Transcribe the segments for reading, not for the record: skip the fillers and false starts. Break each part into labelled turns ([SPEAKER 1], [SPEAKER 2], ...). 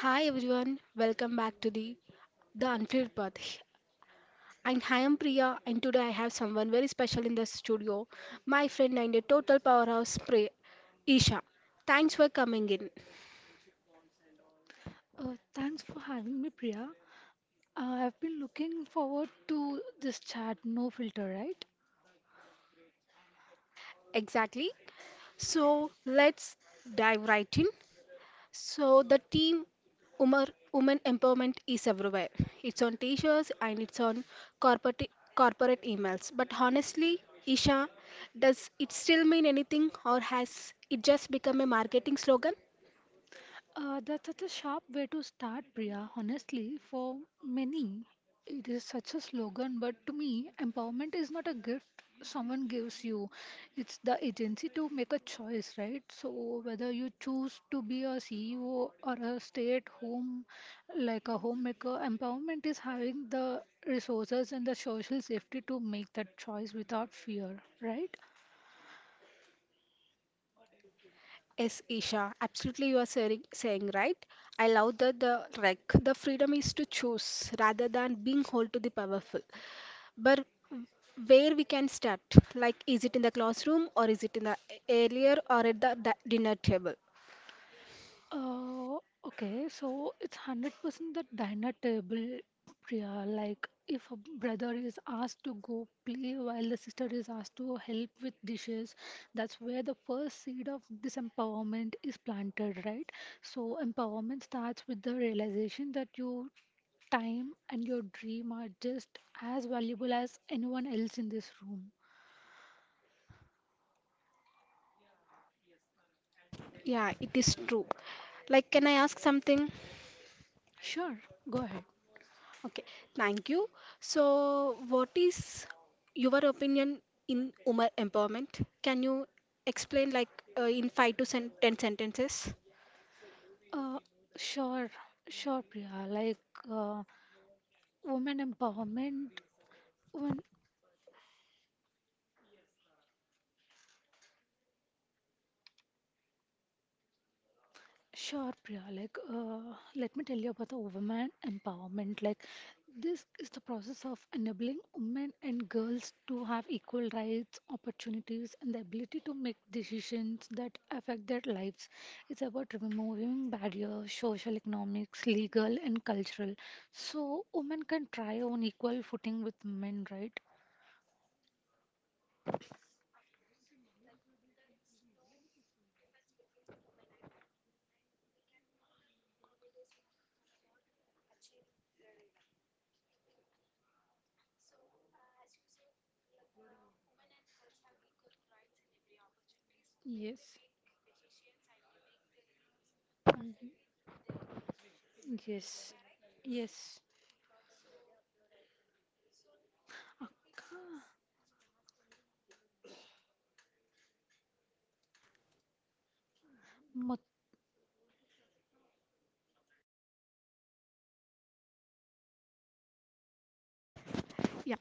[SPEAKER 1] Hi everyone, welcome back to The Unfiltered Path. And I am Priya, and today I have someone very special in the studio, my friend and a total powerhouse, Isha. Thanks for coming in.
[SPEAKER 2] Thanks for having me, Priya. I've been looking forward to this chat, no filter, right?
[SPEAKER 1] Exactly. So let's dive right in. So women empowerment is everywhere. It's on t-shirts and it's on corporate corporate emails. But honestly, Isha, does it still mean anything or has it just become a marketing slogan?
[SPEAKER 2] That's such a sharp way to start, Priya. Honestly, for many, it is such a slogan, but to me, empowerment is not a gift someone gives you. It's the agency to make a choice, right? So, whether you choose to be a CEO or a stay at home, like a homemaker, empowerment is having the resources and the social safety to make that choice without fear, right?
[SPEAKER 1] Yes, Isha, absolutely you are saying right. I love that the freedom is to choose rather than being hold to the powerful. But where we can start? Like, is it in the classroom or is it in the earlier or at the dinner table?
[SPEAKER 2] Uh, okay, so it's 100% the dinner table, Priya. Like, if a brother is asked to go play while the sister is asked to help with dishes, that's where the first seed of disempowerment is planted, right? So, empowerment starts with the realization that your time and your dream are just as valuable as anyone else in this room.
[SPEAKER 1] Yeah, it is true. Like, can I ask something?
[SPEAKER 2] Sure, go ahead.
[SPEAKER 1] Okay, thank you. So, what is your opinion in women empowerment? Can you explain, like, in five to ten sentences?
[SPEAKER 2] Uh, sure, sure, Priya. Like, uh, Women empowerment, When sure, Priya. Like, let me tell you about the women empowerment. Like, this is the process of enabling women and girls to have equal rights, opportunities, and the ability to make decisions that affect their lives. It's about removing barriers, social, economics, legal, and cultural, so women can try on equal footing with men, right? Yes. Mhm. Yes. Yes. Akka- Mat
[SPEAKER 1] Yeah.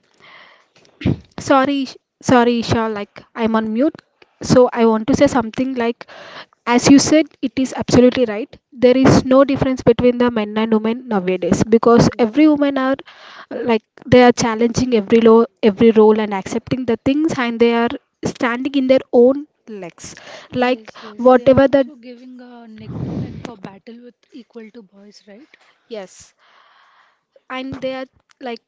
[SPEAKER 1] Sorry, Ish- sorry, Isha, like I'm on mute. So I want to say something like, as you said, it is absolutely right. There is no difference between the men and women nowadays because every
[SPEAKER 2] yes.
[SPEAKER 1] woman are like they are challenging every law, every role and accepting the things, and they are standing in their own legs. Like
[SPEAKER 2] Yes, yes. They are
[SPEAKER 1] whatever the
[SPEAKER 2] also giving a neck to neck a battle with equal to boys, right?
[SPEAKER 1] yes, and they are like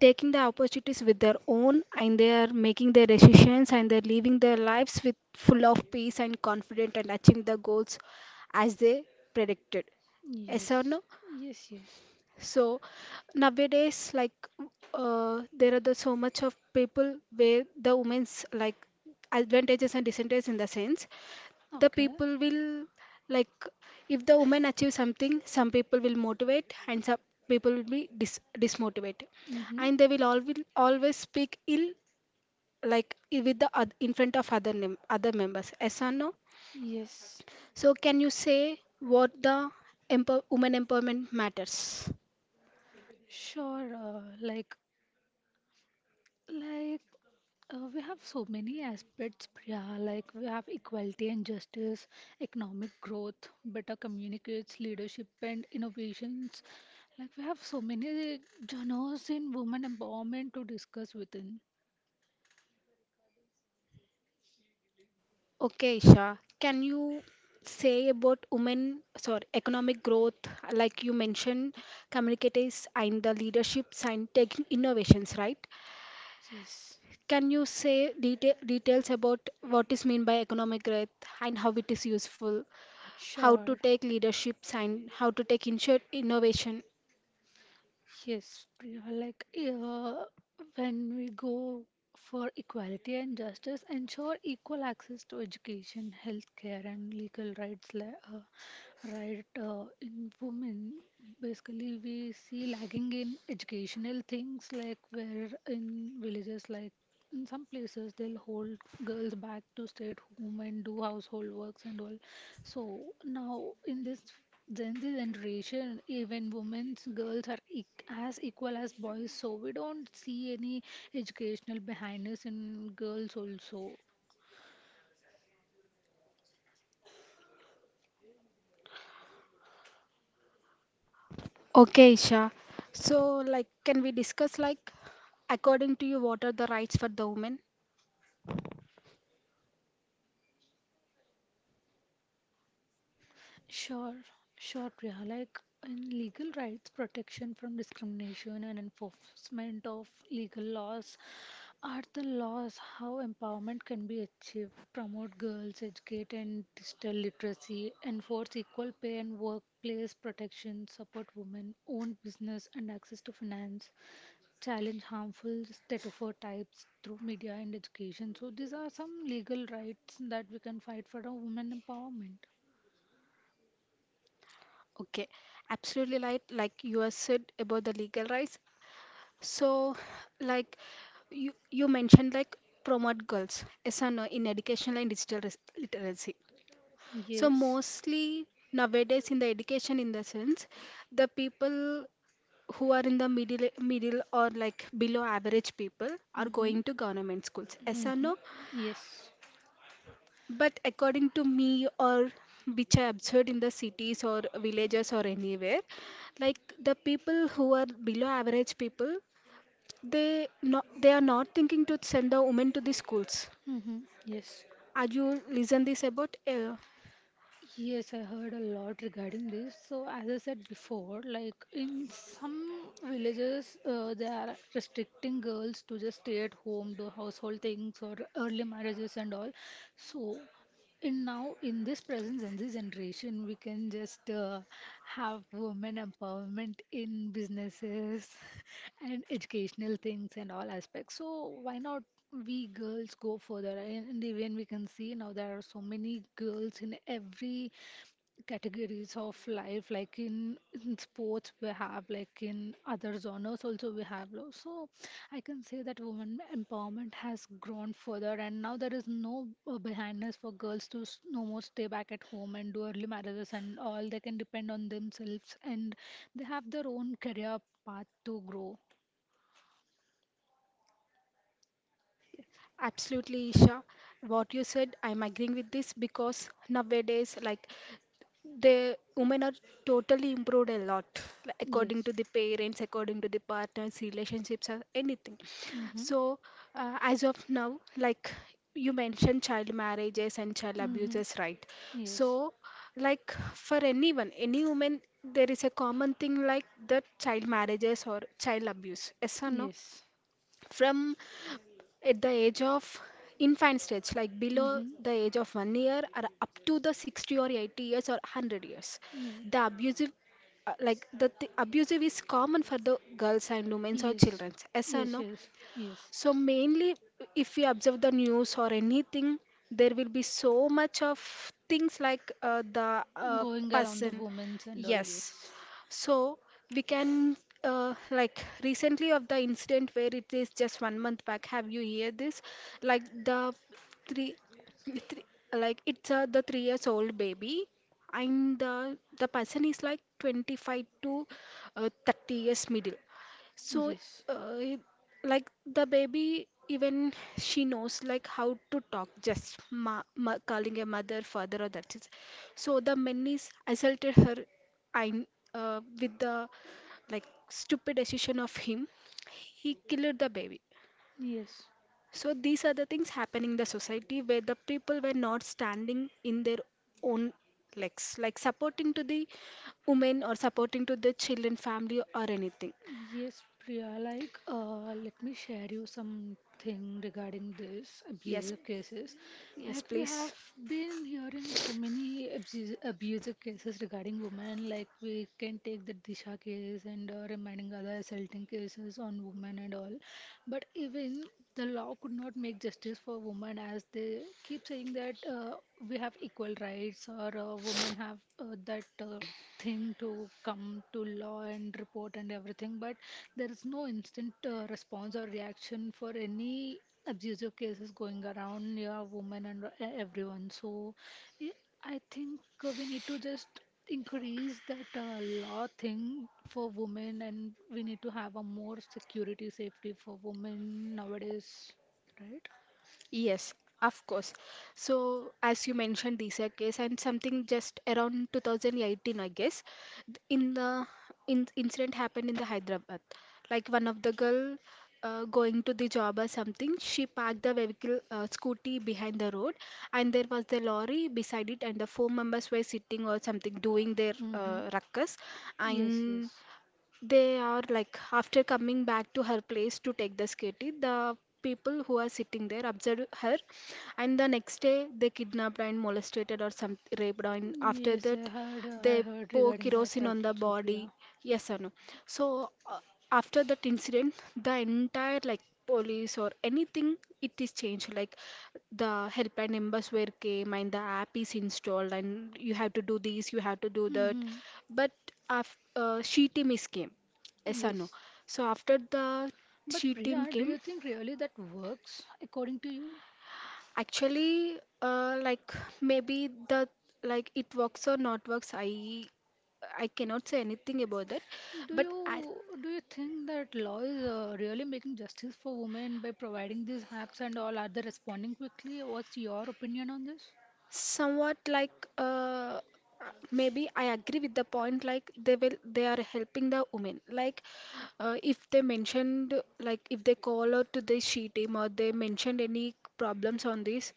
[SPEAKER 1] taking the opportunities with their own and they are making their decisions and they're living their lives with full of peace and confident and achieving the goals as they predicted, yes or
[SPEAKER 2] Yes.
[SPEAKER 1] no?
[SPEAKER 2] Yes, yes.
[SPEAKER 1] So nowadays, like there are so much of people where the women's like advantages and disadvantages in the sense the
[SPEAKER 2] Okay.
[SPEAKER 1] people will like if the woman achieves something, some people will motivate and some people will be dismotivate,
[SPEAKER 2] Mm-hmm.
[SPEAKER 1] and they will always speak ill like with the in front of other other members. Yes or no?
[SPEAKER 2] Yes.
[SPEAKER 1] So can you say what the women empowerment matters?
[SPEAKER 2] Sure. Like we have so many aspects, Priya. Like we have equality and justice, economic growth, better communicates, leadership and innovations. Like we have so many genres in women empowerment to discuss within.
[SPEAKER 1] Okay, Isha, can you say about women, sorry, economic growth, like you mentioned, communicators and the leaderships and taking innovations, right?
[SPEAKER 2] Yes,
[SPEAKER 1] Can you say details about what is mean by economic growth and how it is useful, how to
[SPEAKER 2] sure.
[SPEAKER 1] take leaderships and how to take insure innovation?
[SPEAKER 2] Yes, Priya, like when we go for equality and justice, ensure equal access to education, healthcare, and legal rights. In women, basically, we see lagging in educational things, like where in villages, like in some places, they'll hold girls back to stay at home and do household works and all. So now in this then the generation, even women, girls are as equal as boys, so we don't see any educational behindness in girls also.
[SPEAKER 1] Okay, Isha. So, like, can we discuss like, according to you, what are the rights for the women?
[SPEAKER 2] Sure, sure, Priya. Like in legal rights, protection from discrimination and enforcement of legal laws are the laws how empowerment can be achieved. Promote girls, educate and digital literacy, enforce equal pay and workplace protection, support women, own business and access to finance. Challenge harmful stereotypes through media and education. So these are some legal rights that we can fight for a women empowerment.
[SPEAKER 1] Okay, absolutely right. Like you have said about the legal rights. So, like you mentioned, like promote girls as an, in educational and digital literacy. So
[SPEAKER 2] Yes.
[SPEAKER 1] mostly nowadays in the education in the sense, the people who are in the middle or like below average people are going
[SPEAKER 2] Mm-hmm.
[SPEAKER 1] to government schools. As or
[SPEAKER 2] Mm-hmm.
[SPEAKER 1] no?
[SPEAKER 2] Yes.
[SPEAKER 1] But according to me, or which I observed in the cities or villages or anywhere, like the people who are below average people, they are not thinking to send the women to the schools.
[SPEAKER 2] Mm-hmm. Yes.
[SPEAKER 1] Are you listen this about?
[SPEAKER 2] Yes, I heard a lot regarding this. So, as I said before, like in some villages, they are restricting girls to just stay at home, do household things, or early marriages and all. So, in now, in this present Gen Z generation, we can just have women empowerment in businesses and educational things and all aspects. So, why not? We girls go further and even we can see now there are so many girls in every categories of life like in sports we have, like in other genres also we have so I can say that women empowerment has grown further and now there is no behindness for girls to no more stay back at home and do early marriages and all. They can depend on themselves and they have their own career path to grow.
[SPEAKER 1] Absolutely, Isha. What you said, I'm agreeing with this because nowadays, like the women are totally improved a lot, like, according to
[SPEAKER 2] Yes.
[SPEAKER 1] the parents, according to the partners, relationships, or anything.
[SPEAKER 2] Mm-hmm.
[SPEAKER 1] So, as of now, like you mentioned, child marriages and child
[SPEAKER 2] Mm-hmm.
[SPEAKER 1] abuses, right?
[SPEAKER 2] Yes.
[SPEAKER 1] So, like for anyone, any woman, there is a common thing like the child marriages or child abuse. Yes or no?
[SPEAKER 2] Yes.
[SPEAKER 1] From at the age of infant stage like below
[SPEAKER 2] Mm-hmm.
[SPEAKER 1] the age of 1 year or up to the 60 or 80 years or 100 years,
[SPEAKER 2] Yes.
[SPEAKER 1] the abusive like the abusive is common for the girls and women or
[SPEAKER 2] Yes.
[SPEAKER 1] children, yes or
[SPEAKER 2] Yes.
[SPEAKER 1] no?
[SPEAKER 2] Yes. Yes.
[SPEAKER 1] So mainly, if we observe the news or anything, there will be so much of things like the
[SPEAKER 2] Going around the
[SPEAKER 1] person.
[SPEAKER 2] women's and all.
[SPEAKER 1] Yes.
[SPEAKER 2] Yes.
[SPEAKER 1] So we can like recently of the incident where it is just 1 month back. Have you heard this? Like the three, three like it's the 3 years old baby, and the person is like 25 to 30 years middle. So
[SPEAKER 2] Yes.
[SPEAKER 1] uh, like the baby even she knows like how to talk just calling a mother father or that is so the men is assaulted her I with the like stupid decision of him, he killed the baby.
[SPEAKER 2] Yes.
[SPEAKER 1] So these are the things happening in the society where the people were not standing in their own legs like supporting to the women or supporting to the children family or anything.
[SPEAKER 2] Yes, Priya, like, let me share you something regarding this
[SPEAKER 1] Yes,
[SPEAKER 2] abusive cases.
[SPEAKER 1] yes,
[SPEAKER 2] Like, we
[SPEAKER 1] please.
[SPEAKER 2] have been hearing so many abusive cases regarding women. Like, we can take the Disha case and reminding other assaulting cases on women and all. But even the law could not make justice for women as they keep saying that we have equal rights or women have that. Thing to come to law and report and everything, but there is no instant response or reaction for any abusive cases going around near women and everyone. So y- I think we need to just increase that law thing for women and we need to have a more security safety for women nowadays, right?
[SPEAKER 1] Yes, of course. So, as you mentioned, DISA case and something just around 2018, I guess, in the incident happened in the Hyderabad. Like one of the girl going to the job or something, she parked the vehicle scooty behind the road, and there was the lorry beside it, and the four members were sitting or something doing their
[SPEAKER 2] Mm-hmm.
[SPEAKER 1] ruckus,
[SPEAKER 2] Yes,
[SPEAKER 1] and
[SPEAKER 2] yes.
[SPEAKER 1] they are like after coming back to her place to take the sketty, the people who are sitting there observed her, and the next day they kidnapped and molested or some raped her. And after
[SPEAKER 2] Yes,
[SPEAKER 1] that, they
[SPEAKER 2] I heard
[SPEAKER 1] pour
[SPEAKER 2] regarding that
[SPEAKER 1] kerosene
[SPEAKER 2] as
[SPEAKER 1] on the
[SPEAKER 2] well, so
[SPEAKER 1] body.
[SPEAKER 2] Priya.
[SPEAKER 1] Yes, or no? So after that incident, the entire like police or anything it is changed like the helpline numbers were came and the app is installed and you have to do this, you have to do that,
[SPEAKER 2] Mm-hmm.
[SPEAKER 1] but after she team is came, yes or no?
[SPEAKER 2] Yes.
[SPEAKER 1] So after the
[SPEAKER 2] But
[SPEAKER 1] she team
[SPEAKER 2] Priya, do
[SPEAKER 1] came,
[SPEAKER 2] you think really that works according to you?
[SPEAKER 1] actually, like maybe the like it works or not works, I cannot say anything about that.
[SPEAKER 2] Do
[SPEAKER 1] But I
[SPEAKER 2] you do you think that law is really making justice for women by providing these apps and all? Are they responding quickly? What's your opinion on this?
[SPEAKER 1] somewhat like maybe I agree with the point like they are helping the women. Like if they mentioned like if they call out to the she team or they mentioned any problems on this,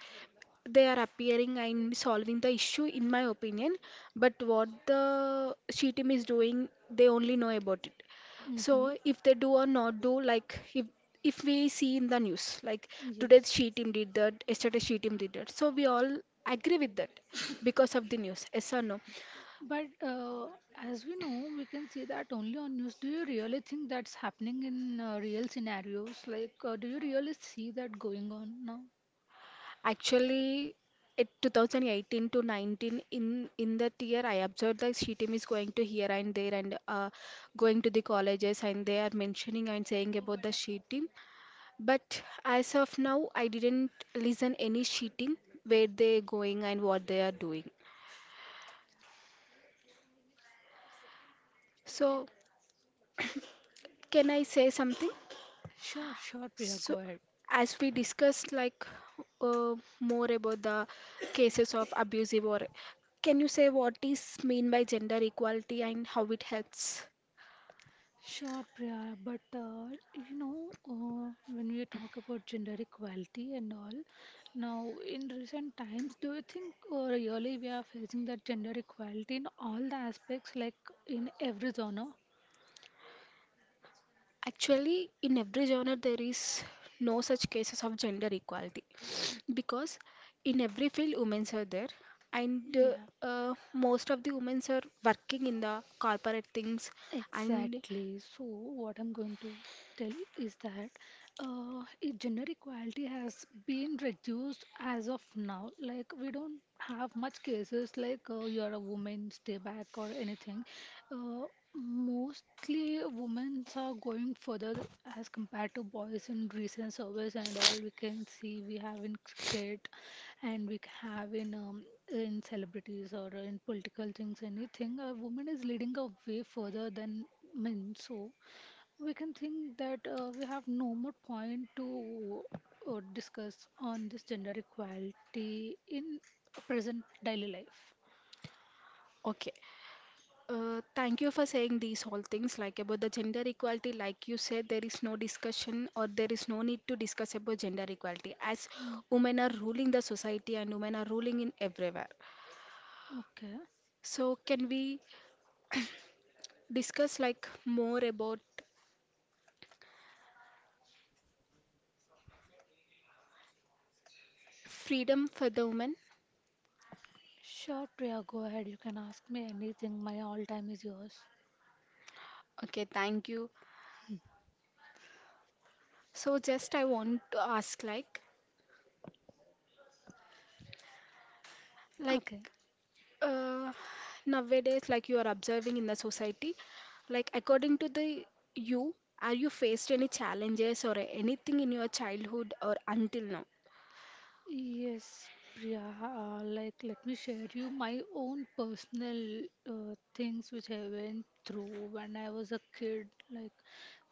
[SPEAKER 1] they are appearing and solving the issue in my opinion, but what the she team is doing they only know about it. So
[SPEAKER 2] Mm-hmm.
[SPEAKER 1] if they do or not do, like if we see in the news like today
[SPEAKER 2] Yes.
[SPEAKER 1] she team did that, yesterday she team did that, so we all agree with that because of the news, yes or no?
[SPEAKER 2] But as we know, we can see that only on news. Do you really think that's happening in real scenarios? Like, do you really see that going on now?
[SPEAKER 1] Actually, it 2018 to 19 in that year, I observed that she team is going to here and there and going to the colleges and they are mentioning and saying about the she team. But as of now, I didn't listen any she team where they going and what they are doing. So can I say something?
[SPEAKER 2] Sure, Priya,
[SPEAKER 1] So,
[SPEAKER 2] go ahead.
[SPEAKER 1] as we discussed, like more about the cases of abusive or can you say what is mean by gender equality and how it helps?
[SPEAKER 2] Sure, Priya, but you know, when we talk about gender equality and all, now in recent times, do you think really we are facing that gender equality in all the aspects, like in every genre?
[SPEAKER 1] Actually, in every genre, there is no such cases of gender equality because in every field, women are there, and
[SPEAKER 2] Yeah.
[SPEAKER 1] most of the women are working in the corporate things. And
[SPEAKER 2] Exactly. So, what I'm going to tell is that uh, gender equality has been reduced as of now. Like, we don't have much cases like you're a woman, stay back, or anything. Uh, mostly, women are going further as compared to boys in recent surveys and all. We can see we have in cricket and we have in celebrities or in political things, anything, a woman is leading a way further than men. So we can think that we have no more point to discuss on this gender equality in present daily life.
[SPEAKER 1] okay, thank you for saying these whole things like about the gender equality like you said there is no discussion or there is no need to discuss about gender equality as
[SPEAKER 2] Mm,
[SPEAKER 1] women are ruling the society and women are ruling in everywhere.
[SPEAKER 2] okay.
[SPEAKER 1] So can we discuss like more about freedom for the women?
[SPEAKER 2] Sure, Priya, go ahead. You can ask me anything. My all time is yours.
[SPEAKER 1] Okay, thank you. So just I want to ask like, like
[SPEAKER 2] Okay.
[SPEAKER 1] uh, nowadays like you are observing in the society, like according to the you are you faced any challenges or anything in your childhood or until now?
[SPEAKER 2] Yes, Priya, like let me share you my own personal things which I went through when I was a kid. Like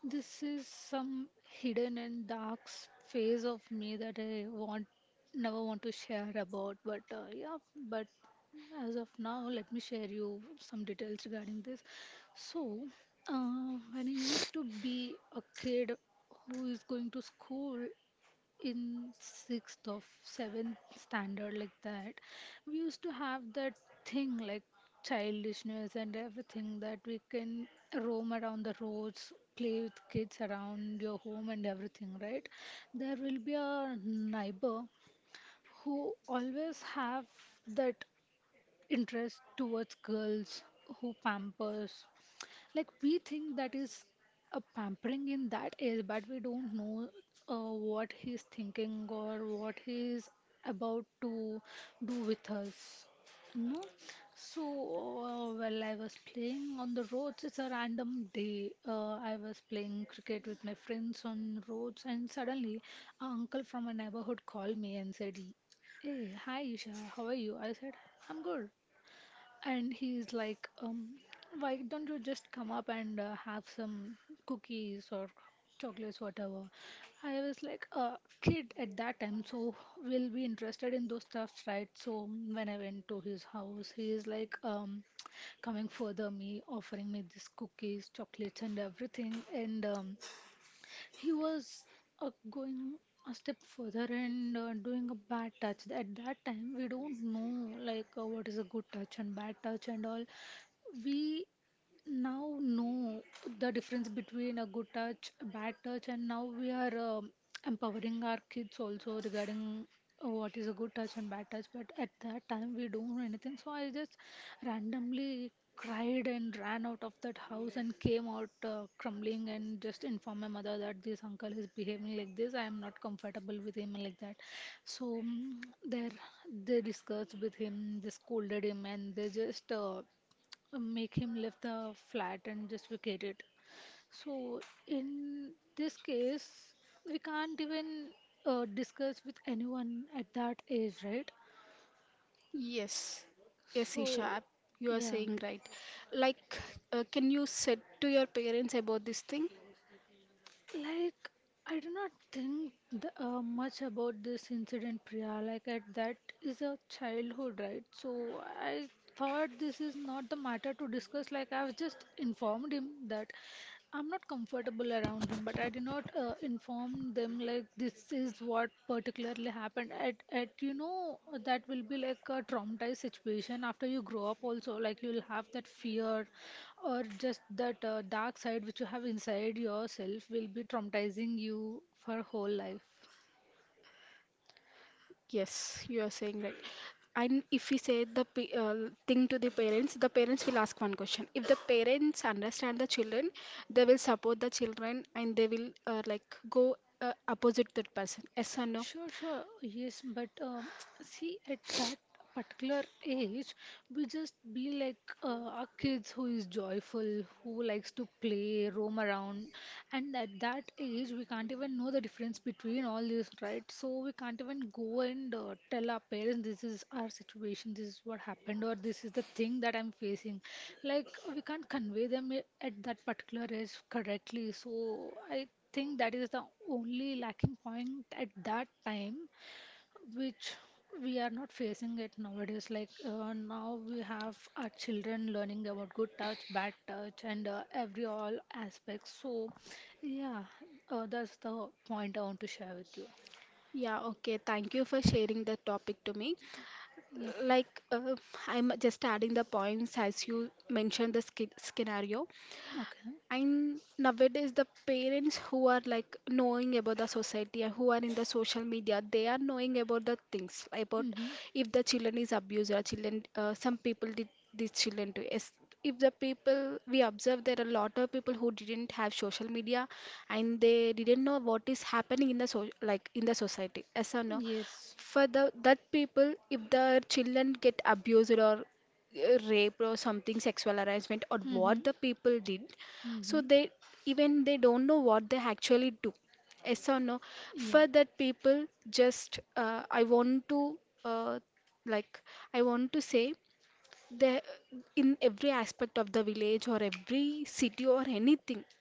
[SPEAKER 2] this is some hidden and dark phase of me that I want never want to share about. But yeah, but as of now, let me share you some details regarding this. So, when I used to be a kid who is going to school in sixth or seventh standard like that, we used to have that thing like childishness and everything, that we can roam around the roads, play with kids around your home and everything, right? There will be a neighbor who always have that interest towards girls, who pampers, like we think that is a pampering in that age, but we don't know what he's thinking or what he's about to do with us, no? So well, I was playing on the roads. It's a random day. I was playing cricket with my friends on roads, and suddenly a uncle from a neighborhood called me and said, "Hey, hi, Isha, how are you?" I said, "I'm good." And he's like, "Why don't you just come up and have some cookies or chocolates, whatever?" I was like a kid at that time, so will be interested in those stuffs, right? So when I went to his house, he is like coming further me, offering me these cookies, chocolates, and everything. And he was going a step further and doing a bad touch. At that time, we don't know like what is a good touch and bad touch and all. We now know the difference between a good touch, a bad touch, and now we are empowering our kids also regarding what is a good touch and bad touch. But at that time, we don't know anything, so I just randomly cried and ran out of that house and came out crumbling and just informed my mother that this uncle is behaving like this. I am not comfortable with him like that. So there, they discussed with him, they scolded him, and they just. Make him lift the flat and just vacate it. So in this case, we can't even discuss with anyone at that age, right?
[SPEAKER 1] Yes, yes, Isha,
[SPEAKER 2] So
[SPEAKER 1] you are
[SPEAKER 2] yeah,
[SPEAKER 1] saying right. Like can you said to your parents about this thing?
[SPEAKER 2] like, I do not think the, much about this incident, Priya. Like, at that is a childhood, right? So, I thought this is not the matter to discuss. Like, I've just informed him that I'm not comfortable around him, but I did not inform them, like, this is what particularly happened. At, you know, that will be like a traumatized situation after you grow up, also. Like, you'll have that fear or just that dark side which you have inside yourself will be traumatizing you for whole life.
[SPEAKER 1] Yes, you are saying right. And if we say the thing to the parents will ask one question. If the parents understand the children, they will support the children and they will like go opposite that person. Yes or no?
[SPEAKER 2] Sure, sure, yes, but see at that particular age we just be like our kids who is joyful, who likes to play roam around. And at that age we can't even know the difference between all this, right? So we can't even go and tell our parents this is our situation, this is what happened, or this is the thing that I'm facing. Like, we can't convey them at that particular age correctly. So I think that is the only lacking point at that time which we are not facing it nowadays. Like, now we have our children learning about good touch bad touch and every all aspects. So yeah, that's the point I want to share with you.
[SPEAKER 1] Yeah, okay. Thank you for sharing the topic to me.
[SPEAKER 2] Yep.
[SPEAKER 1] Like I'm just adding the points as you mentioned the scenario.
[SPEAKER 2] Okay.
[SPEAKER 1] And nowadays, the parents who are like knowing about the society and who are in the social media, they are knowing about the things about
[SPEAKER 2] Mm-hmm.
[SPEAKER 1] if the children is abused or children, some people did these children to. Yes, if the people we observe, there are a lot of people who didn't have social media and they didn't know what is happening in the so like in the society. Yes or no?
[SPEAKER 2] Yes.
[SPEAKER 1] For the that people, if the children get abused or rape or something, sexual harassment or
[SPEAKER 2] Mm-hmm.
[SPEAKER 1] what the people did,
[SPEAKER 2] Mm-hmm.
[SPEAKER 1] so they, even they don't know what they actually do. Yes or no?
[SPEAKER 2] Yeah.
[SPEAKER 1] For that people, just I want to uh, like I want to say, they, in every aspect of the village or every city or anything,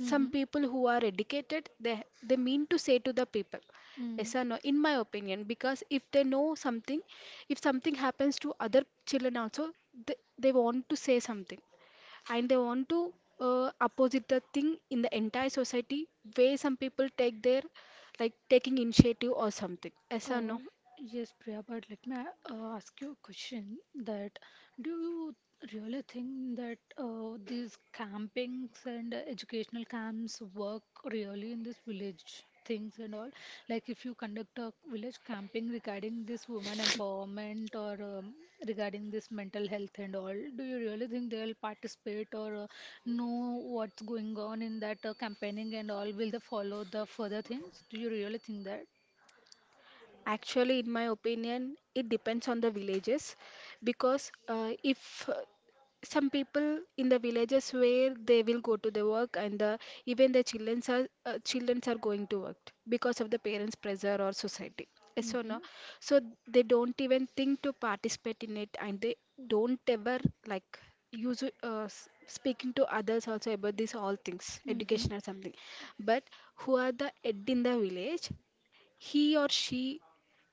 [SPEAKER 2] Mm-hmm.
[SPEAKER 1] some people who are educated, they mean to say to the people.
[SPEAKER 2] Mm-hmm.
[SPEAKER 1] Yes or no? In my opinion, because if they know something, if something happens to other children also, they want to say something, and they want to opposite the thing in the entire society, where some people take their, like, taking initiative or something. Yes or
[SPEAKER 2] Uh,
[SPEAKER 1] no?
[SPEAKER 2] yes, Priya, but let me ask you a question that, do you really think that these campings and educational camps work really in this village things and all? Like, if you conduct a village camping regarding this woman empowerment, or regarding this mental health and all, do you really think they'll participate or know what's going on in that campaigning and all? Will they follow the further things? Do you really think that?
[SPEAKER 1] Actually, in my opinion, it depends on the villages, because if some people in the villages where they will go to the work and the, even the children are going to work because of the parents' pressure or society. Yes or
[SPEAKER 2] Mm-hmm.
[SPEAKER 1] no? So they don't even think to participate in it, and they don't ever, like, use speaking to others also about these all things,
[SPEAKER 2] Mm-hmm.
[SPEAKER 1] education or something. But who are the head in the village, he or she,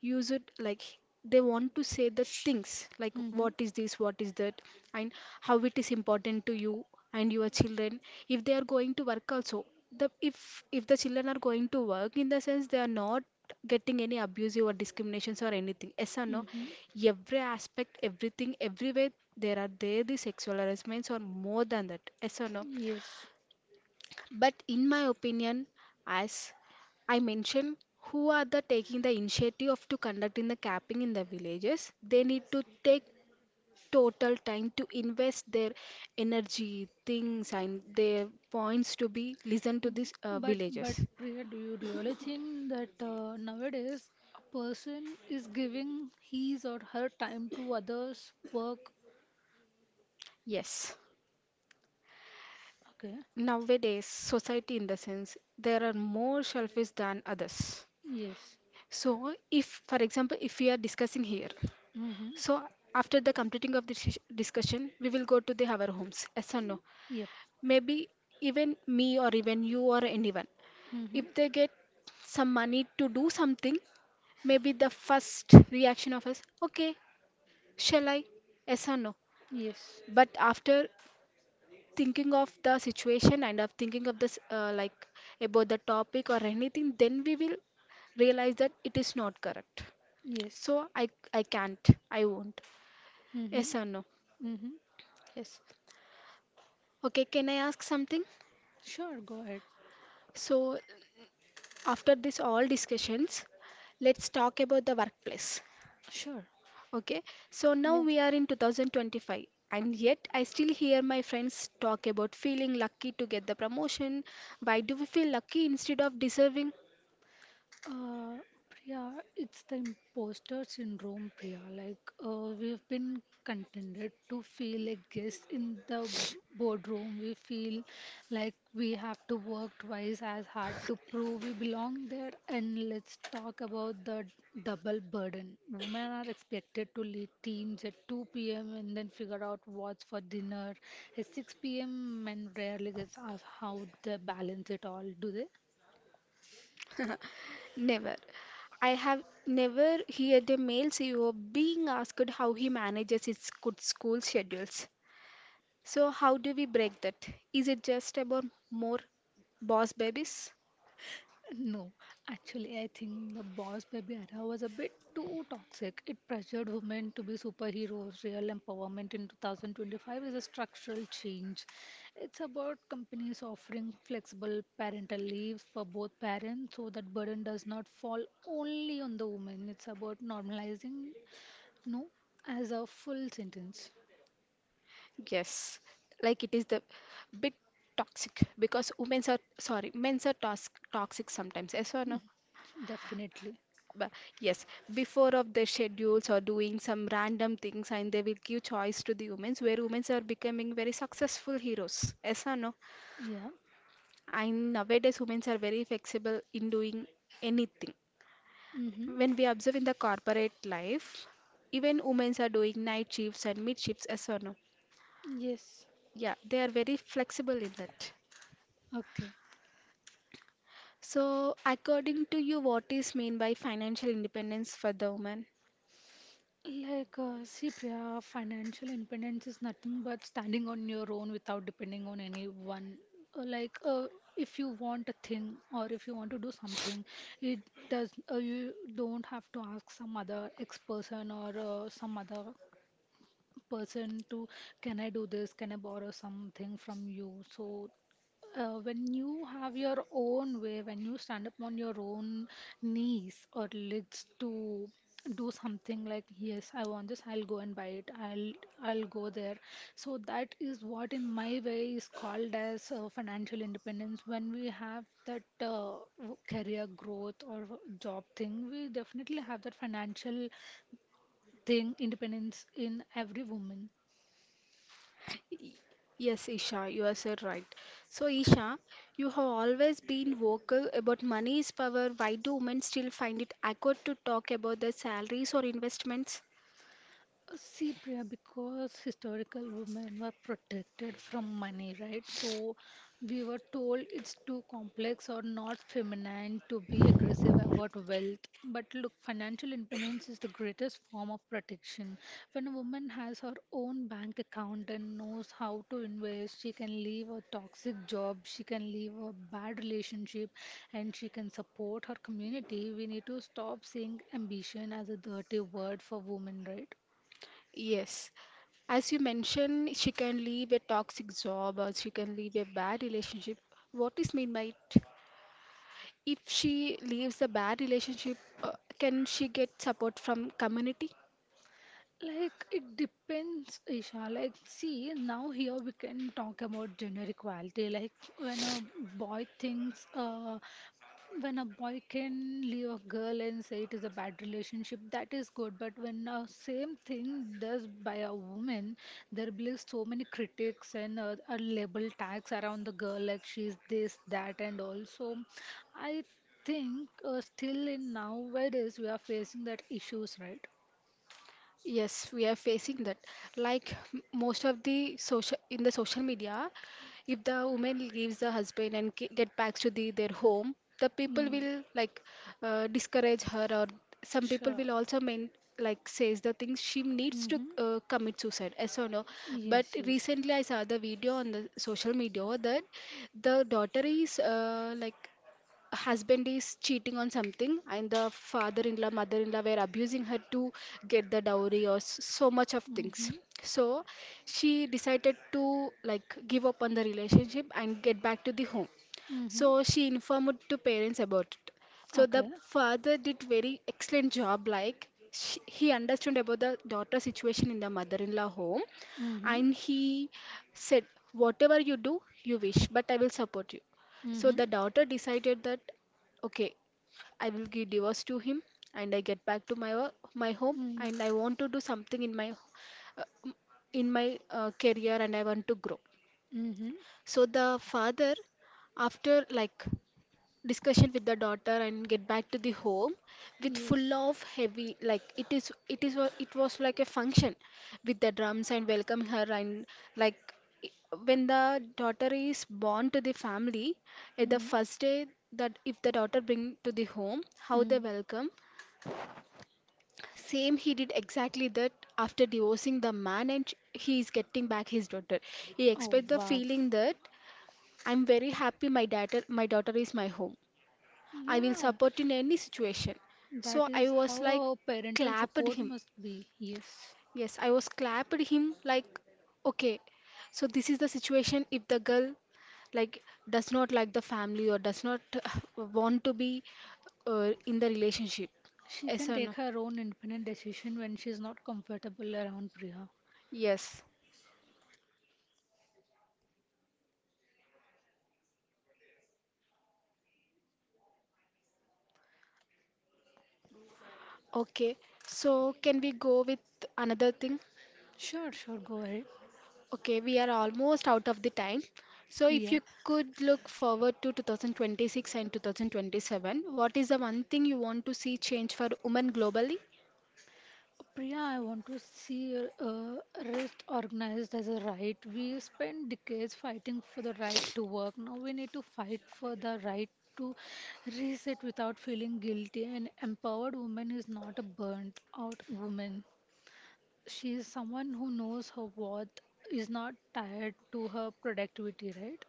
[SPEAKER 1] use it like, they want to say the things, like
[SPEAKER 2] Mm-hmm.
[SPEAKER 1] what is this, what is that, and how it is important to you and your children. If they are going to work also, the, if the children are going to work, in the sense they are not getting any abusive or discriminations or anything. Yes or no?
[SPEAKER 2] Mm-hmm.
[SPEAKER 1] Every aspect, everything, everywhere, there are, there the sexual harassments or more than that. Yes or no?
[SPEAKER 2] Yes.
[SPEAKER 1] But in my opinion, as I mentioned, who are the taking the initiative of to conducting the capping in the villages? They need to take total time to invest their energy, things, and their points to be listened to
[SPEAKER 2] Mm,
[SPEAKER 1] these
[SPEAKER 2] But
[SPEAKER 1] villages.
[SPEAKER 2] Priya, do you really think that nowadays a person is giving his or her time to others' work?
[SPEAKER 1] Yes,
[SPEAKER 2] Okay.
[SPEAKER 1] nowadays society, in the sense, there are more selfish than others.
[SPEAKER 2] Yes.
[SPEAKER 1] So, if, for example, if we are discussing here.
[SPEAKER 2] Mm-hmm.
[SPEAKER 1] So after the completing of this discussion, we will go to the our homes. Yes or no?
[SPEAKER 2] Yep.
[SPEAKER 1] Maybe even me or even you or anyone,
[SPEAKER 2] Mm-hmm.
[SPEAKER 1] if they get some money to do something, maybe the first reaction of us, okay, shall I? Yes or no?
[SPEAKER 2] Yes.
[SPEAKER 1] But after thinking of the situation and of thinking of this like about the topic or anything, then we will realize that it is not correct.
[SPEAKER 2] Yes.
[SPEAKER 1] So I can't, I won't.
[SPEAKER 2] Mm-hmm.
[SPEAKER 1] Yes or no?
[SPEAKER 2] Mm-hmm.
[SPEAKER 1] Yes. Okay, can I ask something?
[SPEAKER 2] Sure, go ahead.
[SPEAKER 1] So, after this all discussions, let's talk about the workplace.
[SPEAKER 2] Sure.
[SPEAKER 1] Okay, so
[SPEAKER 2] Yeah.
[SPEAKER 1] now we are in 2025, and yet I still hear my friends talk about feeling lucky to get the promotion. Why do we feel lucky instead of deserving?
[SPEAKER 2] Uh, Priya, it's the imposter syndrome, Priya. Like, we've been contended to feel like guests in the boardroom. We feel like we have to work twice as hard to prove we belong there. And let's talk about the double burden. Women are expected to lead teams at 2 p.m. and then figure out what's for dinner. At 6 p.m., men rarely gets asked how they balance it all, do they?
[SPEAKER 1] Never. I have never heard a male CEO being asked how he manages his good school schedules. So, how do we break that? Is it just about more boss babies?
[SPEAKER 2] No, actually, I think the Boss Baby era was a bit too toxic. It pressured women to be superheroes. Real empowerment in 2025 is a structural change. It's about companies offering flexible parental leaves for both parents, so that burden does not fall only on the woman. It's about normalizing no as a full sentence.
[SPEAKER 1] Yes, like it is the bit toxic because women are, sorry, men are toxic sometimes. Yes or no?
[SPEAKER 2] Definitely.
[SPEAKER 1] But yes, before of their schedules or doing some random things, and they will give choice to the women, where women are becoming very successful heroes. Yes or no?
[SPEAKER 2] Yeah.
[SPEAKER 1] And nowadays, women are very flexible in doing anything.
[SPEAKER 2] Mm-hmm.
[SPEAKER 1] When we observe in the corporate life, even women are doing night shifts and mid shifts. Yes or no?
[SPEAKER 2] Yes.
[SPEAKER 1] Yeah, they are very flexible in that.
[SPEAKER 2] Okay.
[SPEAKER 1] So, according to you, what is mean by financial independence for the woman?
[SPEAKER 2] Like, see, Priya, financial independence is nothing but standing on your own without depending on anyone. Like, if you want a thing or if you want to do something, it does, you don't have to ask some other ex person or some other person to, can I do this, can I borrow something from you? So when you have your own way, when you stand up on your own knees or legs to do something, like yes, I want this, I'll go and buy it, I'll go there. So that is what in my way is called as financial independence. When we have that career growth or job thing, we definitely have that financial thing independence in every woman.
[SPEAKER 1] Y- Yes, Isha, you are so right. So, Isha, you have always been vocal about money is power. Why do women still find it awkward to talk about their salaries or investments?
[SPEAKER 2] See, Priya, because historical women were protected from money, right? So we were told it's too complex or not feminine to be aggressive about wealth. But look, financial independence is the greatest form of protection. When a woman has her own bank account and knows how to invest, she can leave a toxic job, she can leave a bad relationship, and she can support her community. We need to stop seeing ambition as a dirty word for women, right?
[SPEAKER 1] Yes. As you mentioned, she can leave a toxic job or she can leave a bad relationship. What is mean by it? If she leaves a bad relationship, can she get support from community?
[SPEAKER 2] Like it depends, Isha. Like, see, now here we can talk about gender equality. Like when a boy thinks, when a boy can leave a girl and say it is a bad relationship, that is good. But when a same thing does by a woman, there will be so many critics and label tags around the girl, like she's this, that, and also, I think still in nowadays we are facing that issues, right?
[SPEAKER 1] Yes, we are facing that. Like most of the social in the social media, if the woman leaves the husband and get back to the their home, the people
[SPEAKER 2] Mm,
[SPEAKER 1] will like discourage her, or some people
[SPEAKER 2] sure.
[SPEAKER 1] will also mean, like, says the things she needs to
[SPEAKER 2] Mm-hmm.
[SPEAKER 1] commit suicide. Yes or no? But
[SPEAKER 2] Yes, yes.
[SPEAKER 1] recently, I saw the video on the social media that the daughter is like husband is cheating on something, and the father-in-law, mother-in-law were abusing her to get the dowry or so much of things.
[SPEAKER 2] Mm-hmm.
[SPEAKER 1] So she decided to, like, give up on the relationship and get back to the home.
[SPEAKER 2] Mm-hmm.
[SPEAKER 1] So she informed to parents about it. So
[SPEAKER 2] Okay.
[SPEAKER 1] the father did very excellent job, like sh he understood about the daughter situation in the mother-in-law home.
[SPEAKER 2] Mm-hmm.
[SPEAKER 1] And he said, whatever you do, you wish, but I will support you.
[SPEAKER 2] Mm-hmm.
[SPEAKER 1] So the daughter decided that, okay, I will give divorce to him, and I get back to my my home,
[SPEAKER 2] Mm-hmm.
[SPEAKER 1] and I want to do something in my uh, m- in my career, and I want to grow.
[SPEAKER 2] Mm-hmm.
[SPEAKER 1] So the father, after, like, discussion with the daughter and get back to the home with
[SPEAKER 2] Yes.
[SPEAKER 1] full of heavy, like, it is it was like a function with the drums and welcoming her, and, like, i- when the daughter is born to the family at the
[SPEAKER 2] Mm.
[SPEAKER 1] first day, that if the daughter bring to the home, how they
[SPEAKER 2] Mm.
[SPEAKER 1] welcome, same he did exactly that. After divorcing the man and he is getting back his daughter, he
[SPEAKER 2] Oh,
[SPEAKER 1] expect the
[SPEAKER 2] wow.
[SPEAKER 1] feeling that I'm very happy, my daughter, my daughter is my home. I will
[SPEAKER 2] Yeah,
[SPEAKER 1] support in any situation.
[SPEAKER 2] that
[SPEAKER 1] So
[SPEAKER 2] is
[SPEAKER 1] I was
[SPEAKER 2] how
[SPEAKER 1] like
[SPEAKER 2] a parental
[SPEAKER 1] clapped
[SPEAKER 2] support
[SPEAKER 1] him.
[SPEAKER 2] must be. Yes.
[SPEAKER 1] Yes, I was clapped him, like, okay. So this is the situation, if the girl, like, does not like the family or does not want to be in the relationship.
[SPEAKER 2] She
[SPEAKER 1] Yes
[SPEAKER 2] can
[SPEAKER 1] or
[SPEAKER 2] take
[SPEAKER 1] no?
[SPEAKER 2] her own independent decision when she's not comfortable around, Priya.
[SPEAKER 1] Yes. Okay. So can we go with another thing?
[SPEAKER 2] Sure, sure, go ahead.
[SPEAKER 1] Okay, we are almost out of the time. So, if
[SPEAKER 2] Yeah.
[SPEAKER 1] you could look forward to 2026 and 2027, what is the one thing you want to see change for women globally?
[SPEAKER 2] Priya, I want to see rest organized as a right. We spent decades fighting for the right to work. Now we need to fight for the right to reset without feeling guilty. An empowered woman is not a burnt out woman. She is someone who knows her worth, is not tied to her productivity, right?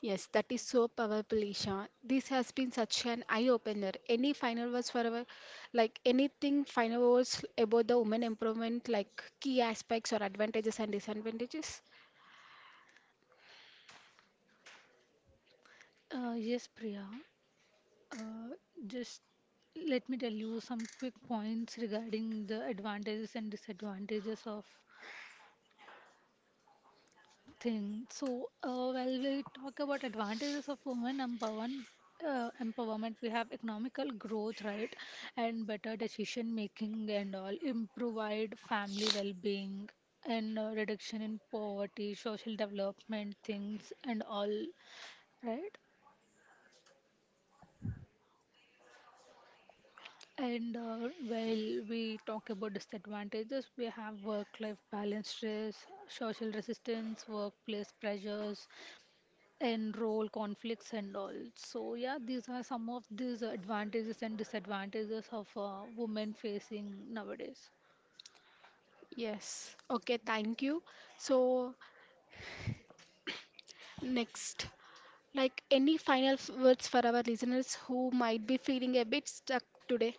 [SPEAKER 1] Yes, that is so powerful, Isha. This has been such an eye-opener. Any final words for our, like, anything final words about the women empowerment, like key aspects or advantages and disadvantages?
[SPEAKER 2] Yes, Priya. Uh, just let me tell you some quick points regarding the advantages and disadvantages of thing. So, while we talk about advantages of women empowerment, empowerment, we have economical growth, right, and better decision making and all, improved family well-being and reduction in poverty, social development things and all, right? And while we talk about disadvantages, we have work-life balance, stress, social resistance, workplace pressures, and role conflicts and all. So yeah, these are some of these advantages and disadvantages of women facing nowadays.
[SPEAKER 1] Yes. Okay, thank you. So, next. Like any final words for our listeners who might be feeling a bit stuck today?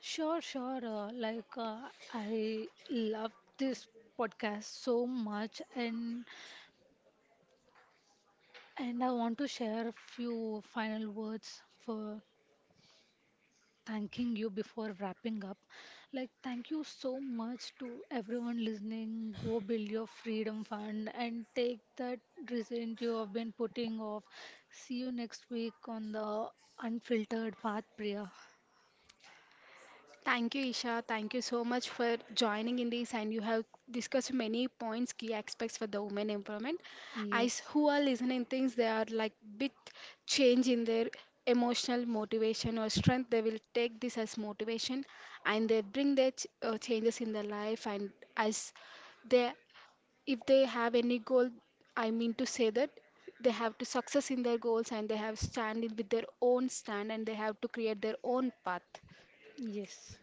[SPEAKER 2] Sure, sure. Like I love this podcast so much, and I want to share a few final words for thanking you before wrapping up. Like, thank you so much to everyone listening. Go build your freedom fund and take that resent you have been putting off. See you next week on the unfiltered path, Priya.
[SPEAKER 1] Thank you, Isha. Thank you so much for joining in this, and you have discussed many points, key aspects for the women empowerment. As
[SPEAKER 2] Yes,
[SPEAKER 1] who are listening, things they are like bit change in their emotional motivation or strength. They will take this as motivation, and they bring their changes in their life. And as they, if they have any goal, I mean to say that they have to success in their goals, and they have stand in with their own stand, and they have to create their own path.
[SPEAKER 2] yes.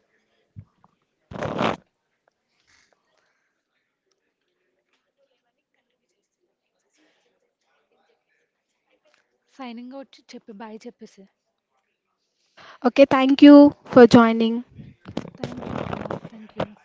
[SPEAKER 2] Signing out, Chepe. Bye, Chepe.
[SPEAKER 1] Okay, thank you for joining.
[SPEAKER 2] Thank you, Priya. Thank you.